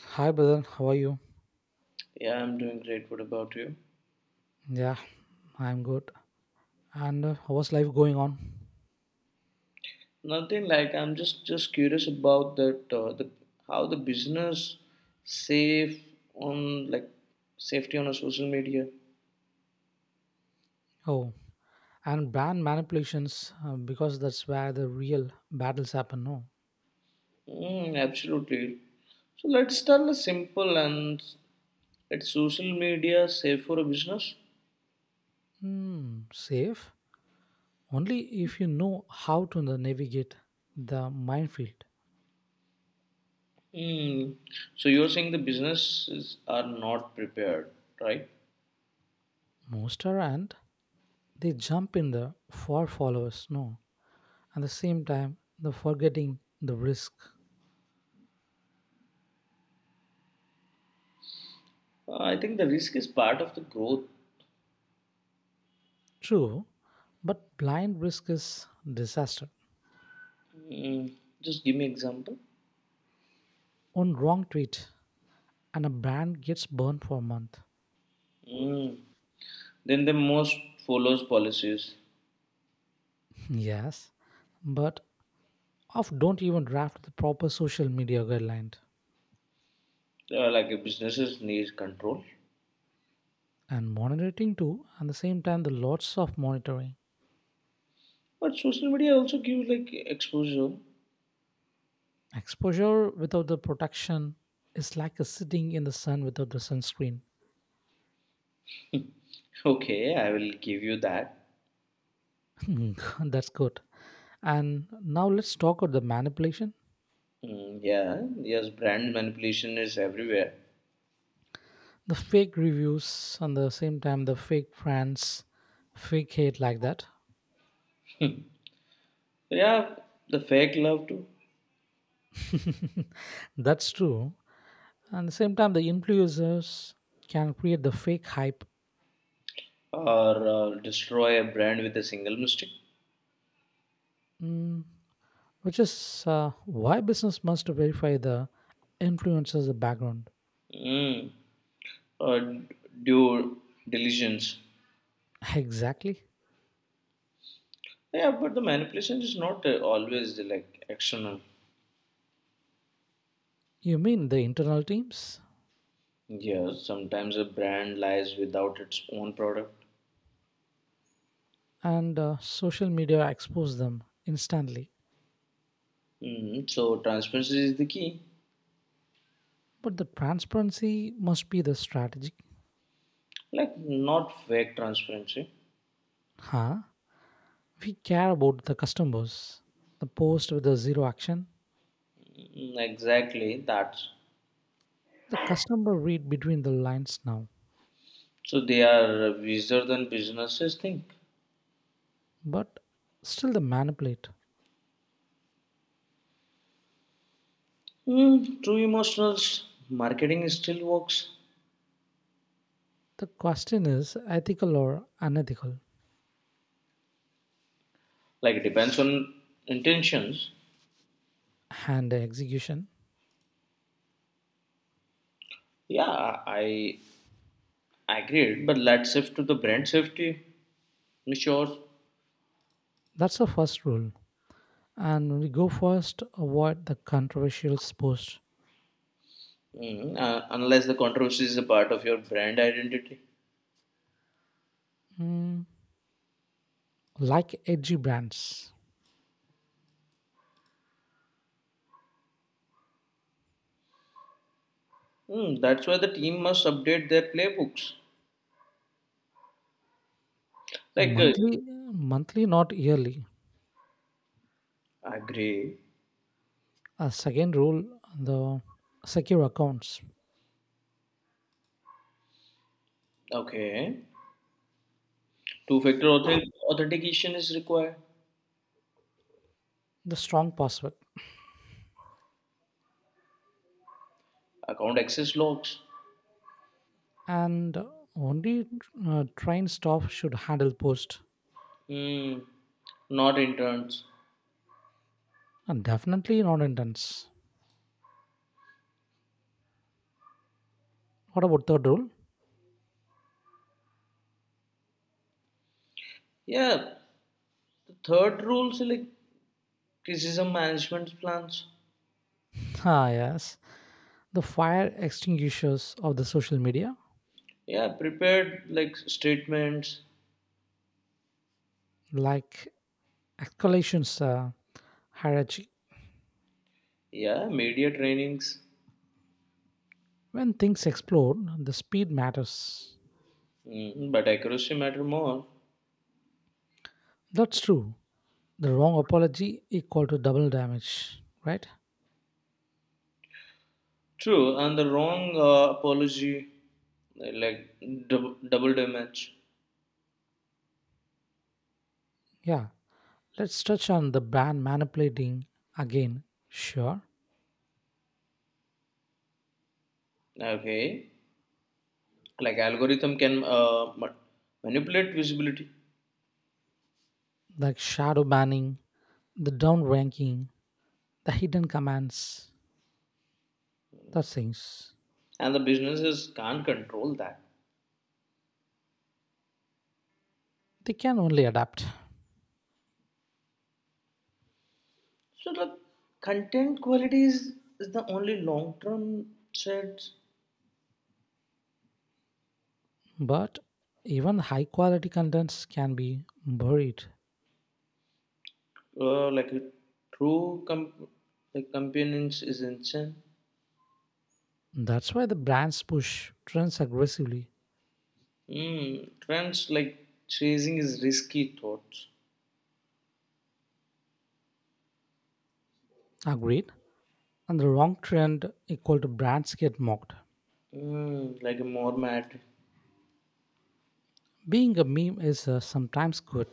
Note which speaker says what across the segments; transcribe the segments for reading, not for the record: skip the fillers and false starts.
Speaker 1: Hi, brother. How are you?
Speaker 2: Yeah, I'm doing great. What about you?
Speaker 1: Yeah, I'm good. And how's life going on?
Speaker 2: Nothing like I'm just curious about that the how the business safe on like safety on a social media.
Speaker 1: Oh, and brand manipulations because that's where the real battles happen. No,
Speaker 2: Mm, absolutely. So let's start with simple and it's social media safe for a business.
Speaker 1: hmm, safe only if you know how to the navigate the minefield.
Speaker 2: Mm. So you're saying the businesses are not prepared, right?
Speaker 1: Most are and they jump in the for followers. No, at the same time, the forgetting the risk.
Speaker 2: I think the risk is part of the growth.
Speaker 1: True, but blind risk is disaster.
Speaker 2: Mm. Just give me example.
Speaker 1: One wrong tweet and a brand gets burned for a month.
Speaker 2: Mm. Then the most follows policies
Speaker 1: Yes, but of don't even draft the proper social media guideline
Speaker 2: like a businesses needs control.
Speaker 1: and monitoring too. At the same time, the lots of monitoring
Speaker 2: But social media also gives like exposure.
Speaker 1: exposure without the protection is like a sitting in the sun without the sunscreen.
Speaker 2: Okay, I will give you that.
Speaker 1: That's good. And now let's talk about the manipulation,
Speaker 2: Mm, yeah, yes, brand manipulation is everywhere.
Speaker 1: the fake reviews, and the same time the fake friends, fake hate like that.
Speaker 2: So, yeah, the fake love too,
Speaker 1: That's true. And at the same time, the influencers can create the fake hype,
Speaker 2: or destroy a brand with a single mistake.
Speaker 1: mm, which is why business must verify the influencers' background.
Speaker 2: Mm, or due diligence.
Speaker 1: Exactly.
Speaker 2: Yeah, but the manipulation is not always like external.
Speaker 1: You mean the internal teams
Speaker 2: Yes, sometimes a brand lies without its own product.
Speaker 1: and social media expose them instantly.
Speaker 2: Mm, so transparency is the key.
Speaker 1: But the transparency must be the strategy.
Speaker 2: Like not fake transparency.
Speaker 1: Huh? We care about the customers. The post with the zero action.
Speaker 2: Mm, exactly that.
Speaker 1: The customer read between the lines now,
Speaker 2: So they are wiser than businesses think.
Speaker 1: but still they manipulate.
Speaker 2: Mm, true emotionals marketing still works.
Speaker 1: The question is ethical or unethical,
Speaker 2: Like it depends on intentions.
Speaker 1: and the execution.
Speaker 2: Yeah, I agreed. But let's shift to the brand safety. Sure.
Speaker 1: That's the first rule. And we go first, avoid the controversial posts.
Speaker 2: Mm, unless the controversy is a part of your brand identity.
Speaker 1: Mm, like edgy brands.
Speaker 2: Mm, that's why the team must update their playbooks. Like,
Speaker 1: Monthly, monthly, not yearly.
Speaker 2: agree.
Speaker 1: A second rule, the secure accounts,
Speaker 2: Okay. Two factor authentication is required.
Speaker 1: the strong password.
Speaker 2: Account access logs.
Speaker 1: And only trained staff should handle post.
Speaker 2: Hmm. Not interns.
Speaker 1: And definitely not intense. What about third rule?
Speaker 2: Yeah. The third rules like criticism management plans.
Speaker 1: Ah, yes. The fire extinguishers of the social media,
Speaker 2: Yeah. Prepared like statements.
Speaker 1: like escalations hierarchy.
Speaker 2: Yeah. Media trainings.
Speaker 1: When things explode, the speed matters.
Speaker 2: Hmm. But accuracy matter more.
Speaker 1: That's true. The wrong apology equal to double damage, right?
Speaker 2: True. And the wrong apology like double damage.
Speaker 1: Yeah. Let's touch on the ban manipulating again. Sure.
Speaker 2: Okay. Like algorithm can manipulate visibility.
Speaker 1: Like shadow banning, the down ranking, the hidden commands, the things.
Speaker 2: And the businesses can't control that.
Speaker 1: They can only adapt.
Speaker 2: So the content quality is the only long term threat.
Speaker 1: But even high quality contents can be buried.
Speaker 2: Like a true com- like companions is insane.
Speaker 1: That's why the brands push trends aggressively.
Speaker 2: Mm, trends like chasing is risky thoughts.
Speaker 1: Agreed. And the wrong trend equal to brands get mocked.
Speaker 2: Mm, like a more mad.
Speaker 1: Being a meme is sometimes good.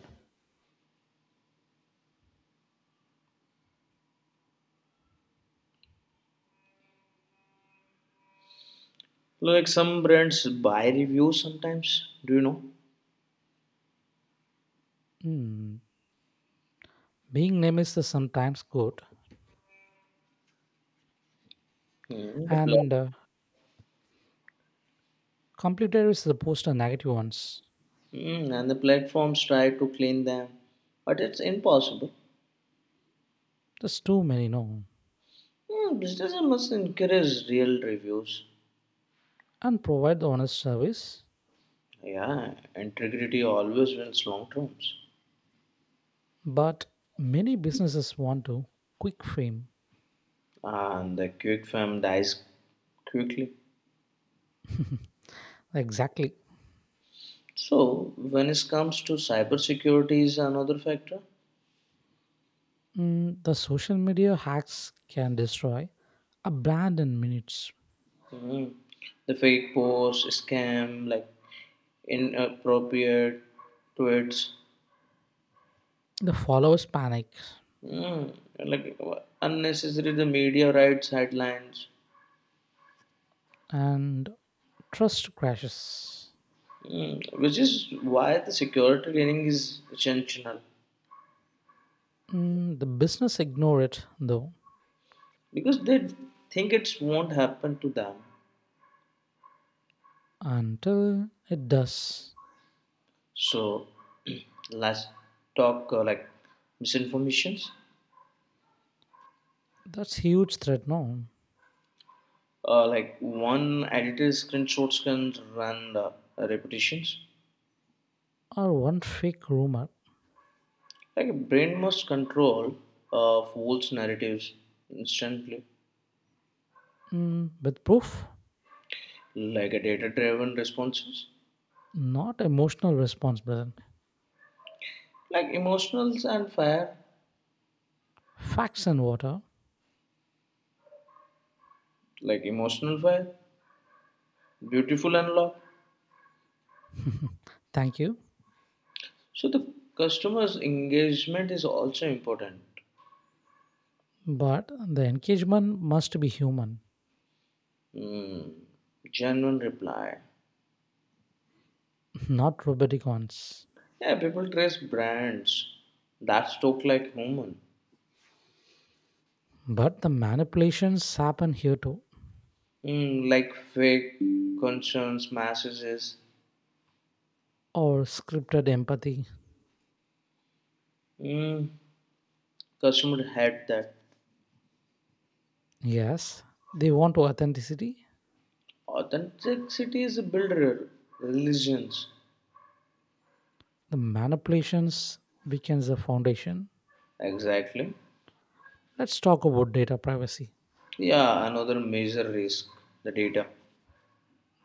Speaker 2: Like some brands buy reviews sometimes. Do you know?
Speaker 1: Hmm. Being name is the sometimes good.
Speaker 2: Mm,
Speaker 1: And completer is the post and negative ones.
Speaker 2: mm, and the platforms try to clean them, but it's impossible.
Speaker 1: There's too many, no.
Speaker 2: Hmm, businesses must encourage real reviews.
Speaker 1: And provide the honest service.
Speaker 2: Yeah, integrity always wins long terms,
Speaker 1: But many businesses want to quick fame.
Speaker 2: and the quick fam dies quickly.
Speaker 1: Exactly.
Speaker 2: So, when it comes to cybersecurity, is another factor.
Speaker 1: Mm, the social media hacks can destroy a brand in minutes.
Speaker 2: Mhm. The fake posts, scam, like inappropriate tweets,
Speaker 1: The followers panic
Speaker 2: mm, like unnecessary. The media writes headlines,
Speaker 1: and trust crashes.
Speaker 2: mm, which is why the security training is essential
Speaker 1: Mm, the business ignore it though
Speaker 2: because they think it won't happen to them.
Speaker 1: until it does.
Speaker 2: So let's talk like misinformations.
Speaker 1: That's huge threat, no?
Speaker 2: Like one edited screenshots can run repetitions.
Speaker 1: Or one fake rumor.
Speaker 2: Like a brain must control false narratives instantly.
Speaker 1: Mm, with proof,
Speaker 2: Like a data-driven responses.
Speaker 1: not emotional response, brother.
Speaker 2: Like emotionals and fire.
Speaker 1: Facts and water.
Speaker 2: Like emotional fire. Beautiful and love.
Speaker 1: Thank you,
Speaker 2: So the customer's engagement is also important.
Speaker 1: but the engagement must be human.
Speaker 2: Hmm. Genuine reply.
Speaker 1: Not robotic ones.
Speaker 2: Yeah, people dress brands that look like human,
Speaker 1: But the manipulations happen here too,
Speaker 2: mm, like fake concerns, messages.
Speaker 1: or scripted empathy.
Speaker 2: Mm, customer had that.
Speaker 1: Yes, they want authenticity.
Speaker 2: Authenticity is a builder religions.
Speaker 1: The manipulations weakens the foundation.
Speaker 2: Exactly.
Speaker 1: Let's talk about data privacy.
Speaker 2: Yeah, another major risk the data,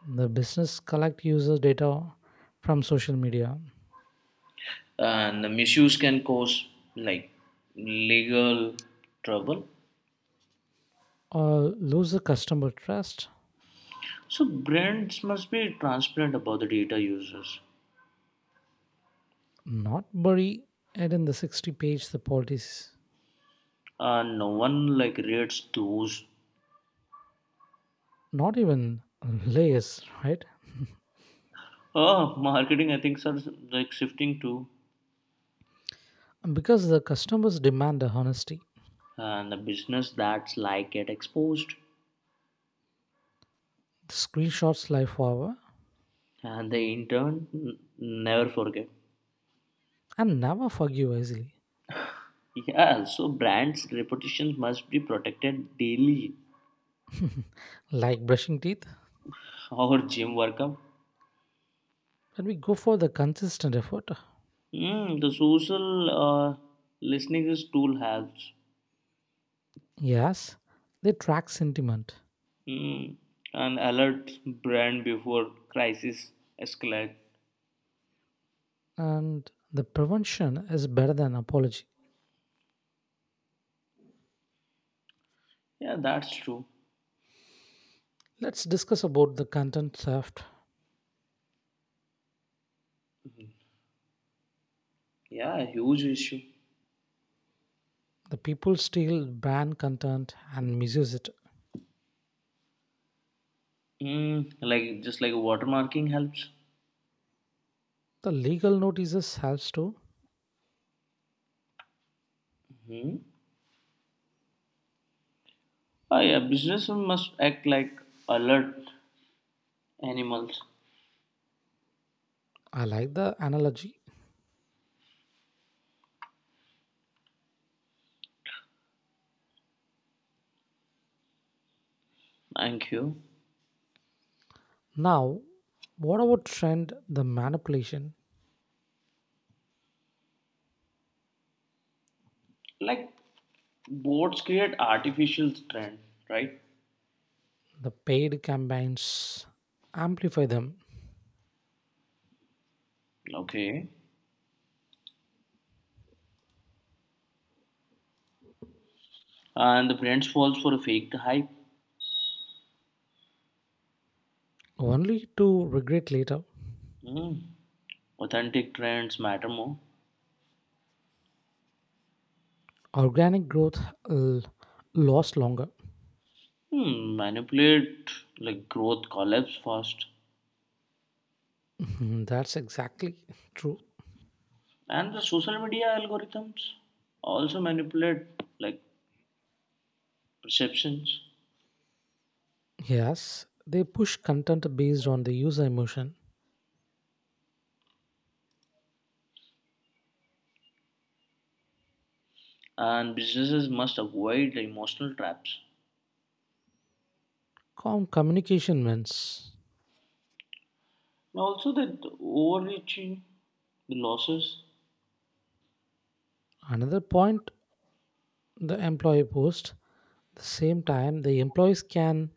Speaker 1: The business collect user data from social media
Speaker 2: and the misuse can cause like legal trouble.
Speaker 1: or lose the customer trust,
Speaker 2: So brands must be transparent about the data users.
Speaker 1: not bury it in the 60 page the policies,
Speaker 2: No one like reads those.
Speaker 1: not even layers, right?
Speaker 2: Oh, marketing I think are like shifting to
Speaker 1: Because the customers demand the honesty.
Speaker 2: and the business that's like get exposed
Speaker 1: The screenshots lie forever
Speaker 2: and the never forget.
Speaker 1: and never forgive easily.
Speaker 2: Yeah, so brands' reputations must be protected daily.
Speaker 1: Like brushing teeth,
Speaker 2: Or gym workout.
Speaker 1: when we go for the consistent effort,
Speaker 2: Mm, the social listening is tool helps.
Speaker 1: yes, they track sentiment,
Speaker 2: Mm, and alert brand before crisis escalate.
Speaker 1: and the prevention is better than apology.
Speaker 2: Yeah, that's true.
Speaker 1: Let's discuss about the content theft.
Speaker 2: Yeah, huge issue.
Speaker 1: The people steal brand content and misuse it.
Speaker 2: Mm, like just like watermarking helps.
Speaker 1: The legal notices helps too.
Speaker 2: Hmm. Ah, yeah, businessmen must act like alert animals.
Speaker 1: I like the analogy.
Speaker 2: Thank you.
Speaker 1: Now, what about trend? The manipulation,
Speaker 2: Like boards create artificial trend, right?
Speaker 1: the paid campaigns amplify them
Speaker 2: Okay. And the brands falls for a fake hype.
Speaker 1: only to regret later.
Speaker 2: Hmm. Authentic trends matter more.
Speaker 1: Organic growth l- lasts longer.
Speaker 2: Hmm. Manipulate like growth collapse fast.
Speaker 1: That's exactly true.
Speaker 2: And the social media algorithms also manipulate like perceptions.
Speaker 1: Yes, they push content based on the user emotion.
Speaker 2: And businesses must avoid the emotional traps.
Speaker 1: Communication wins.
Speaker 2: And also that overreaching, the losses,
Speaker 1: Another point the employee post. The same time, the employees can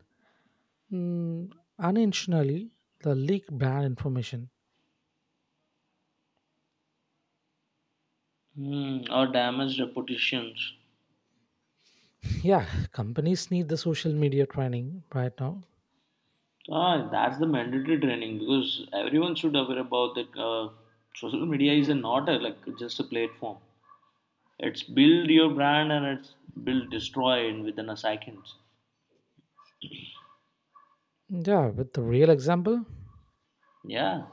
Speaker 1: mm, unintentionally the leak brand information.
Speaker 2: hmm, or damaged reputations.
Speaker 1: Yeah, companies need the social media training right now.
Speaker 2: Ah, that's the mandatory training because everyone should aware about that. Social media is a not a, like just a platform. It's build your brand and it's build destroy in within a second.
Speaker 1: Yeah, with the real example,
Speaker 2: Yeah,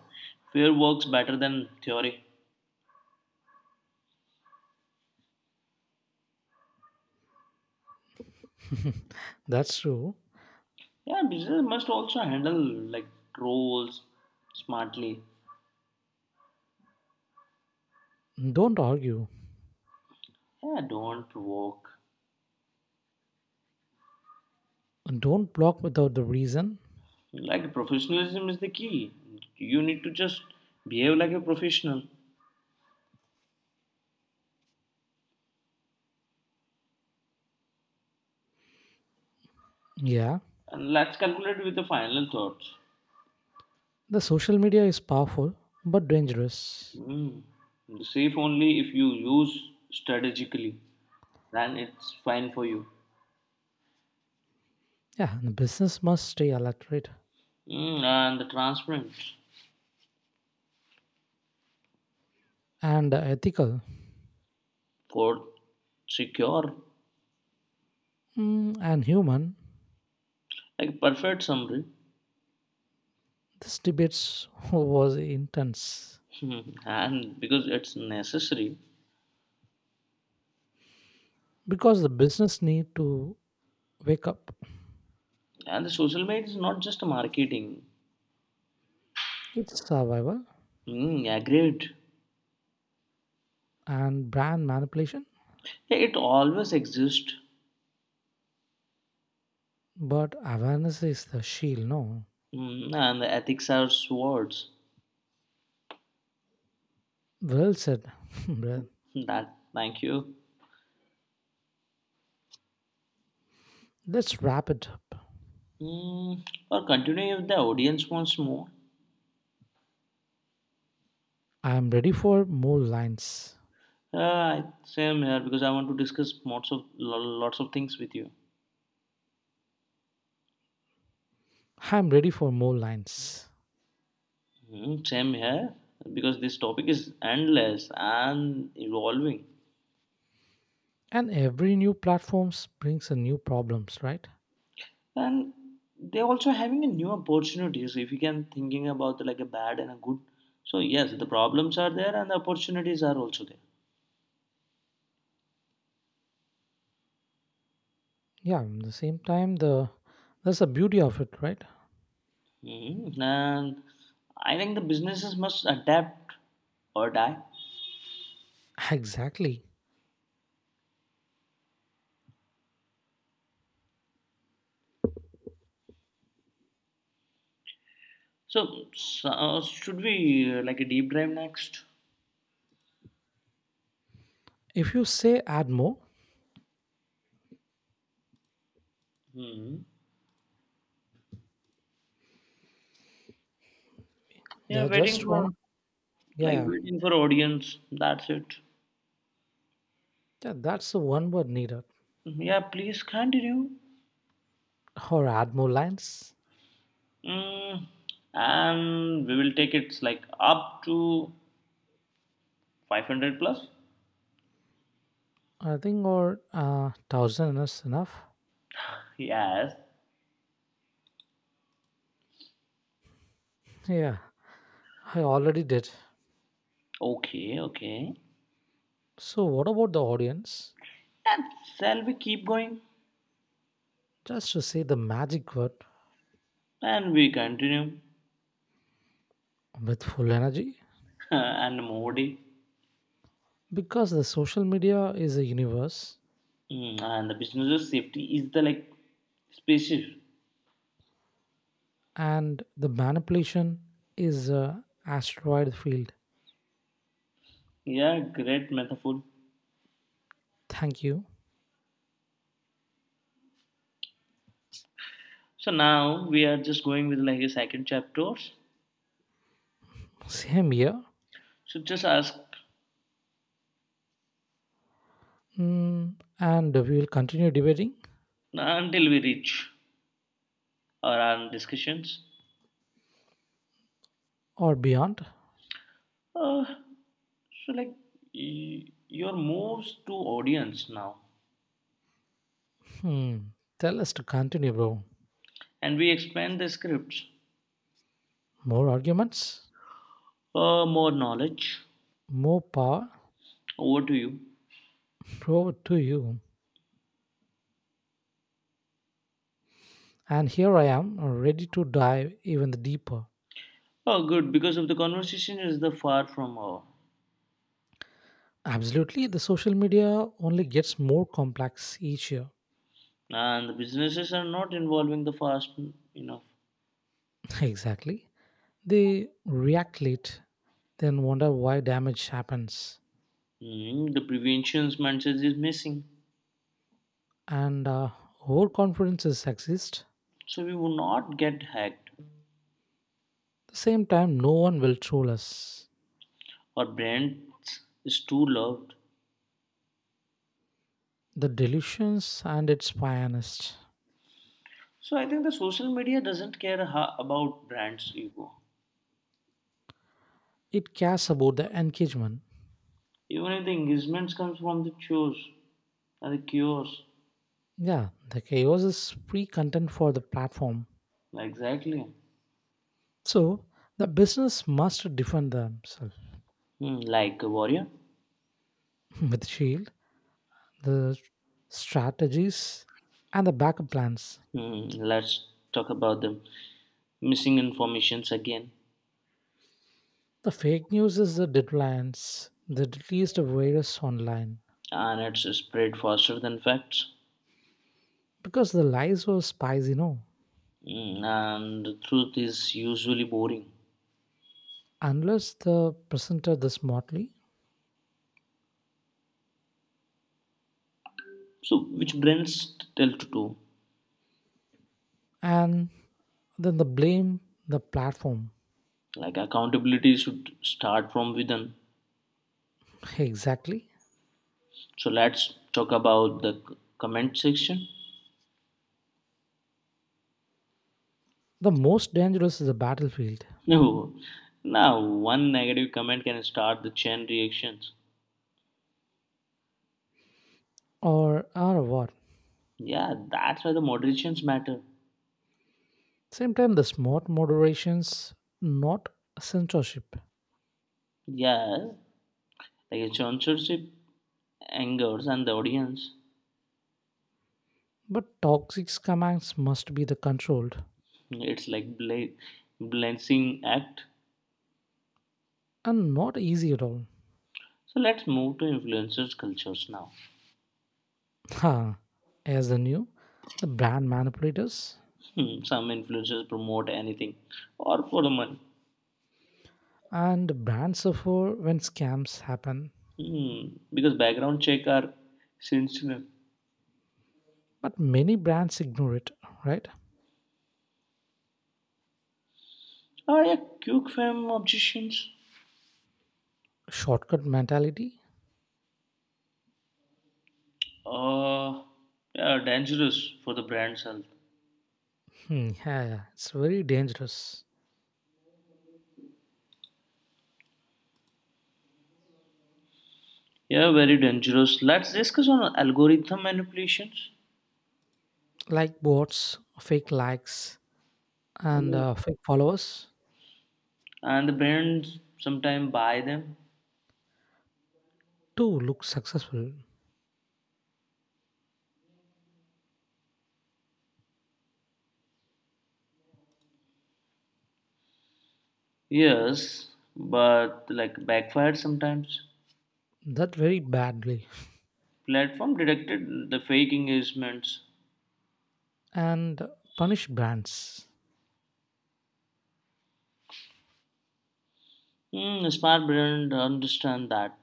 Speaker 2: fear works better than theory.
Speaker 1: that's true.
Speaker 2: Yeah. Business must also handle like trolls smartly.
Speaker 1: Don't argue.
Speaker 2: Yeah, don't provoke.
Speaker 1: Don't block without the reason.
Speaker 2: Like professionalism is the key. You need to just behave like a professional.
Speaker 1: Yeah,
Speaker 2: And let's calculate with the final thoughts.
Speaker 1: the social media is powerful but dangerous.
Speaker 2: Mm. Safe only if you use strategically, then it's fine for you.
Speaker 1: Yeah, and business must stay alert right?
Speaker 2: Mm, and the transparent
Speaker 1: And ethical,
Speaker 2: for secure,
Speaker 1: mm, and human.
Speaker 2: like perfect summary,
Speaker 1: This debate was intense
Speaker 2: and because it's necessary.
Speaker 1: because the business need to wake up.
Speaker 2: And the social media is not just marketing.
Speaker 1: It's survival
Speaker 2: Mm, agreed.
Speaker 1: and brand manipulation,
Speaker 2: It always exists.
Speaker 1: but awareness is the shield. No,
Speaker 2: Mm, and the ethics are swords.
Speaker 1: well said. Brother.
Speaker 2: That thank you.
Speaker 1: Let's wrap it up.
Speaker 2: Mm, or continue if the audience wants more.
Speaker 1: I'm ready for more lines.
Speaker 2: Same here because I want to discuss lots of lots of things with you.
Speaker 1: I'm ready for more lines.
Speaker 2: Mm, same here because this topic is endless and evolving,
Speaker 1: And every new platforms brings a new problems, right?
Speaker 2: and they're also having a new opportunities. If you can thinking about like a bad and a good, so yes, the problems are there and the opportunities are also there.
Speaker 1: Yeah, at the same time, the that's the beauty of it, right?
Speaker 2: Mm, and I think the businesses must adapt or die.
Speaker 1: Exactly.
Speaker 2: So, s should we like a deep dive next?
Speaker 1: If you say add more,
Speaker 2: Hmm. Yeah,
Speaker 1: yeah,
Speaker 2: waiting
Speaker 1: just
Speaker 2: for
Speaker 1: one, yeah,
Speaker 2: like
Speaker 1: yeah,
Speaker 2: waiting for audience. That's it.
Speaker 1: yeah, that's the one word needed,
Speaker 2: Mm-hmm. Yeah, please continue.
Speaker 1: or add more lines,
Speaker 2: Mm, and we will take it like up to 500 plus.
Speaker 1: I think, or thousand is enough.
Speaker 2: Yes.
Speaker 1: Yeah, I already did.
Speaker 2: Okay, okay.
Speaker 1: So, what about the audience?
Speaker 2: And shall we keep going?
Speaker 1: Just to say the magic word
Speaker 2: And we continue.
Speaker 1: with full energy,
Speaker 2: and Modi.
Speaker 1: because the social media is a universe,
Speaker 2: Mm, and the business of safety is the like species.
Speaker 1: and the manipulation is a asteroid field.
Speaker 2: Yeah, great metaphor.
Speaker 1: Thank you.
Speaker 2: So now we are just going with like a second chapters.
Speaker 1: Same here.
Speaker 2: So just ask
Speaker 1: Hmm, and we will continue debating
Speaker 2: until we reach our discussions.
Speaker 1: or beyond.
Speaker 2: Uh, so like your moves to audience now,
Speaker 1: Hmm. Tell us to continue, bro.
Speaker 2: and we expand the scripts.
Speaker 1: More arguments,
Speaker 2: More knowledge.
Speaker 1: more power.
Speaker 2: Over to you.
Speaker 1: Over to you. And here I am, ready to dive even deeper.
Speaker 2: Oh, good. Because of the conversation is the far from over,
Speaker 1: Absolutely, the social media only gets more complex each year.
Speaker 2: and the businesses are not involving the fast enough.
Speaker 1: Exactly. They react late, then wonder why damage happens.
Speaker 2: Mm, the preventions mindset is missing,
Speaker 1: And overconfidence is sexist. At
Speaker 2: so we will not get hacked.
Speaker 1: the same time, no one will troll us.
Speaker 2: Or brands is too loved.
Speaker 1: The delusions and its pianist.
Speaker 2: So I think the social media doesn't care about brands' ego.
Speaker 1: It cares about the engagement.
Speaker 2: Even if the engagements comes from the shows and the cures.
Speaker 1: Yeah, the chaos is free content for the platform.
Speaker 2: Exactly.
Speaker 1: So the business must defend themselves
Speaker 2: Hmm, like a warrior.
Speaker 1: with shield, the strategies, and the backup plans.
Speaker 2: Hmm, let's talk about the missing informations again.
Speaker 1: The fake news is the deadlines, the least of virus online.
Speaker 2: And it's spread faster than facts.
Speaker 1: Because the lies were spies. You know,
Speaker 2: Mm, and the truth is usually boring.
Speaker 1: unless the presenter this smartly
Speaker 2: So, which brands tell to do?
Speaker 1: and then the blame the platform.
Speaker 2: Like accountability should start from within.
Speaker 1: Exactly.
Speaker 2: So let's talk about the comment section.
Speaker 1: The most dangerous is a battlefield
Speaker 2: No, now one negative comment can start the chain reactions.
Speaker 1: or our war.
Speaker 2: Yeah, that's why the moderations matter.
Speaker 1: Same time, the smart moderations, not censorship.
Speaker 2: Yeah, like censorship angers and the audience.
Speaker 1: But toxic commands must be the controlled
Speaker 2: It's like balancing act.
Speaker 1: and not easy at all.
Speaker 2: So let's move to influencers cultures now.
Speaker 1: Ha! As the new, the brand manipulators
Speaker 2: Hmm, some influencers promote anything or for the money.
Speaker 1: and brands suffer when scams happen.
Speaker 2: Hmm, because background check are sensitive.
Speaker 1: But many brands ignore it, right?
Speaker 2: Oh yeah, quick fame objections.
Speaker 1: Shortcut mentality?
Speaker 2: Uh, yeah, dangerous for the brand's health.
Speaker 1: Hmm, yeah, yeah, it's very dangerous.
Speaker 2: Yeah, very dangerous. Let's discuss on algorithm manipulations.
Speaker 1: Like bots, fake likes, and
Speaker 2: Yeah.
Speaker 1: fake followers
Speaker 2: And the brands sometimes buy them.
Speaker 1: to look successful
Speaker 2: Yes, but like backfired sometimes.
Speaker 1: that very badly
Speaker 2: Platform detected the fake engagements.
Speaker 1: and punish brands.
Speaker 2: Hmm, a smart brand understand that.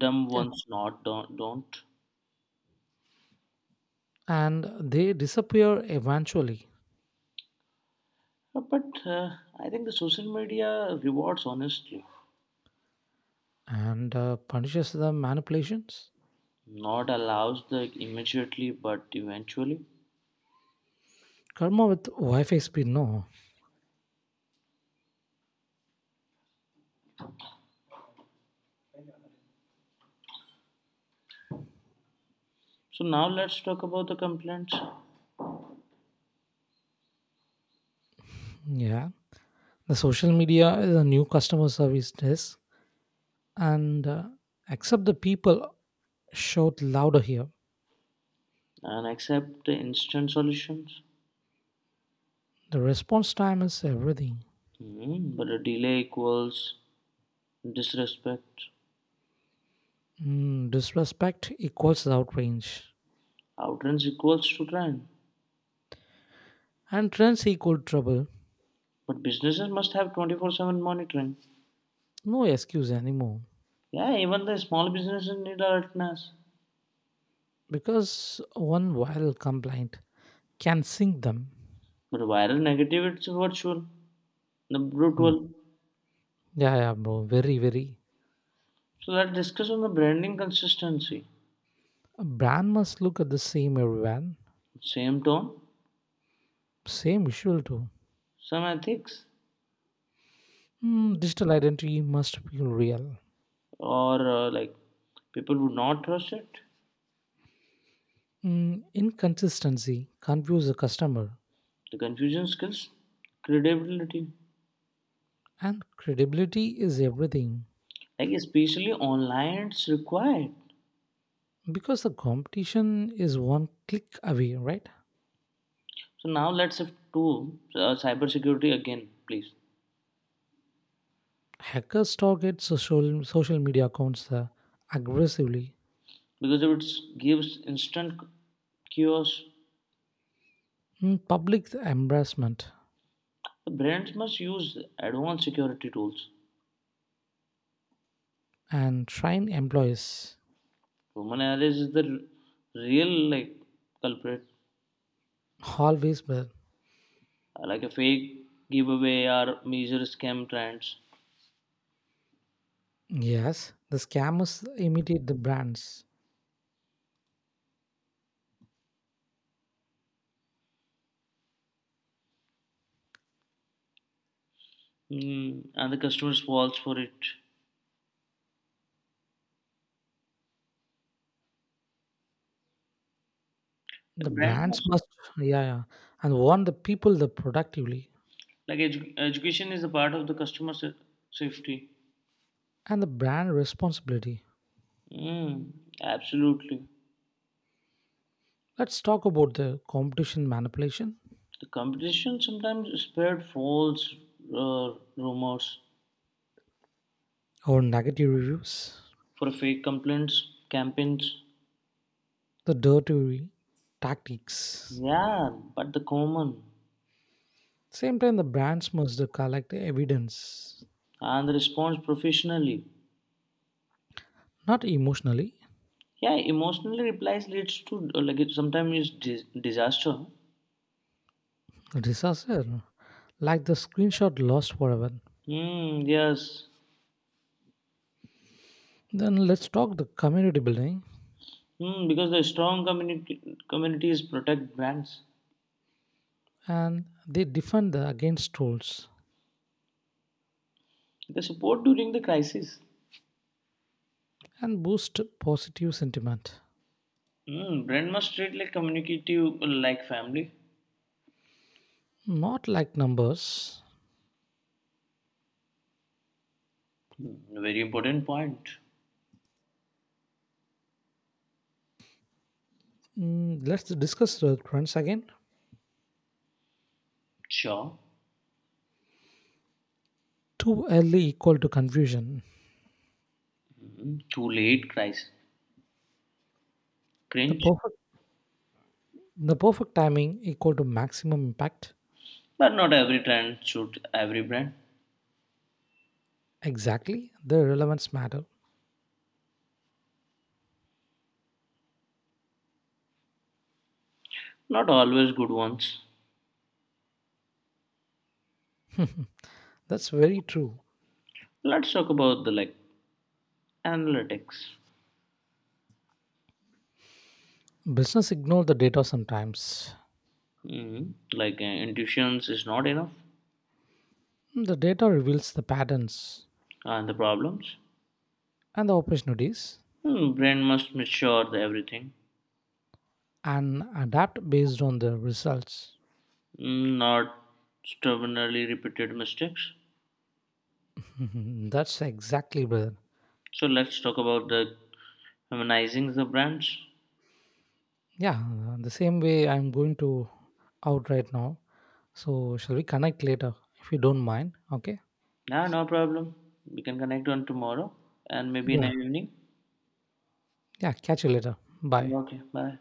Speaker 2: Dumb
Speaker 1: Yeah.
Speaker 2: ones not don't. Don't.
Speaker 1: And they disappear eventually
Speaker 2: But I think the social media rewards honestly.
Speaker 1: and punishes the manipulations
Speaker 2: Not allows the immediately, but eventually.
Speaker 1: karma with wi-fi speed, no?
Speaker 2: So now let's talk about the complaints
Speaker 1: Yeah, the social media is a new customer service desk and except the people shout louder here.
Speaker 2: and accept the instant solutions.
Speaker 1: The response time is everything.
Speaker 2: Hmm, but a delay equals disrespect.
Speaker 1: Mm, disrespect equals outrage
Speaker 2: Outrance equals to crime.
Speaker 1: and trends equal trouble,
Speaker 2: But businesses must have 24/7 monitoring.
Speaker 1: no excuse anymore
Speaker 2: Yeah, even the small businesses need alertness.
Speaker 1: because one viral complaint can sink them.
Speaker 2: But viral negative it's virtual, the
Speaker 1: Mm.
Speaker 2: brutal.
Speaker 1: Yeah, yeah, bro. Very, very.
Speaker 2: So let's discuss on the branding consistency.
Speaker 1: A brand must look at the same everyone,
Speaker 2: Same tone,
Speaker 1: same visual too.
Speaker 2: some ethics,
Speaker 1: Mm, digital identity must feel real.
Speaker 2: or like people would not trust it.
Speaker 1: Mm, inconsistency confuse the customer,
Speaker 2: The confusion skills, credibility.
Speaker 1: and credibility is everything
Speaker 2: Like especially online it's required.
Speaker 1: because the competition is one click away, right?
Speaker 2: So now let's shift to cybersecurity again please
Speaker 1: Hackers target social media accounts aggressively.
Speaker 2: because if it gives instant chaos,
Speaker 1: Mm, public embarrassment
Speaker 2: the brands must use advanced security tools.
Speaker 1: and train employees
Speaker 2: Human errors is the real like culprit.
Speaker 1: always were.
Speaker 2: Like a fake giveaway or major scam trends
Speaker 1: Yes, the scammers imitate the brands.
Speaker 2: mm, and the customers falls for it the
Speaker 1: The
Speaker 2: brand
Speaker 1: brands
Speaker 2: must
Speaker 1: must, yeah, yeah, and want the people the productively
Speaker 2: like education is a part of the safety.
Speaker 1: and the brand responsibility.
Speaker 2: Mm, absolutely.
Speaker 1: Let's talk about the competition manipulation
Speaker 2: The competition sometimes spread false rumors
Speaker 1: or negative reviews,
Speaker 2: for fake complaints campaigns.
Speaker 1: the dirty tactics.
Speaker 2: Yeah, but the common
Speaker 1: Same time, the brands must collect evidence,
Speaker 2: and the response professionally.
Speaker 1: not emotionally.
Speaker 2: Yeah, emotionally replies leads to like it sometimes is disaster.
Speaker 1: Disaster, like the screenshot lost forever.
Speaker 2: Hmm. Yes.
Speaker 1: Then let's talk the community building
Speaker 2: Hmm. Because the strong community communities protect brands.
Speaker 1: and they defend the against trolls
Speaker 2: They support during the crisis.
Speaker 1: and boost positive sentiment.
Speaker 2: Hmm. Brand must treat like communicative like family.
Speaker 1: Not like numbers.
Speaker 2: Hmm, very important point.
Speaker 1: Mm, let's discuss the trends again.
Speaker 2: Sure.
Speaker 1: Too early equal to confusion.
Speaker 2: Mm, too late, cries.
Speaker 1: The
Speaker 2: Cringe.
Speaker 1: perfect the perfect timing equal to maximum impact.
Speaker 2: But not every trend suits every brand.
Speaker 1: Exactly, the relevance matter.
Speaker 2: Not always good ones.
Speaker 1: That's very true.
Speaker 2: Let's talk about the like analytics.
Speaker 1: Business ignore the data sometimes.
Speaker 2: Mm, like intuitions is not enough,
Speaker 1: The data reveals the patterns
Speaker 2: and the problems.
Speaker 1: and the opportunities
Speaker 2: Mm, brand must mature the everything,
Speaker 1: and adapt based on the results.
Speaker 2: mm, not stubbornly repeated mistakes.
Speaker 1: That's exactly, brother.
Speaker 2: So let's talk about the humanizing the brands.
Speaker 1: Yeah, the same way I'm going to out right now. So, shall we connect later if you don't mind? Okay.
Speaker 2: Yeah, no problem. We can connect on tomorrow and maybe in the
Speaker 1: Yeah.
Speaker 2: evening.
Speaker 1: Yeah. Catch you later. Bye.
Speaker 2: Okay, bye.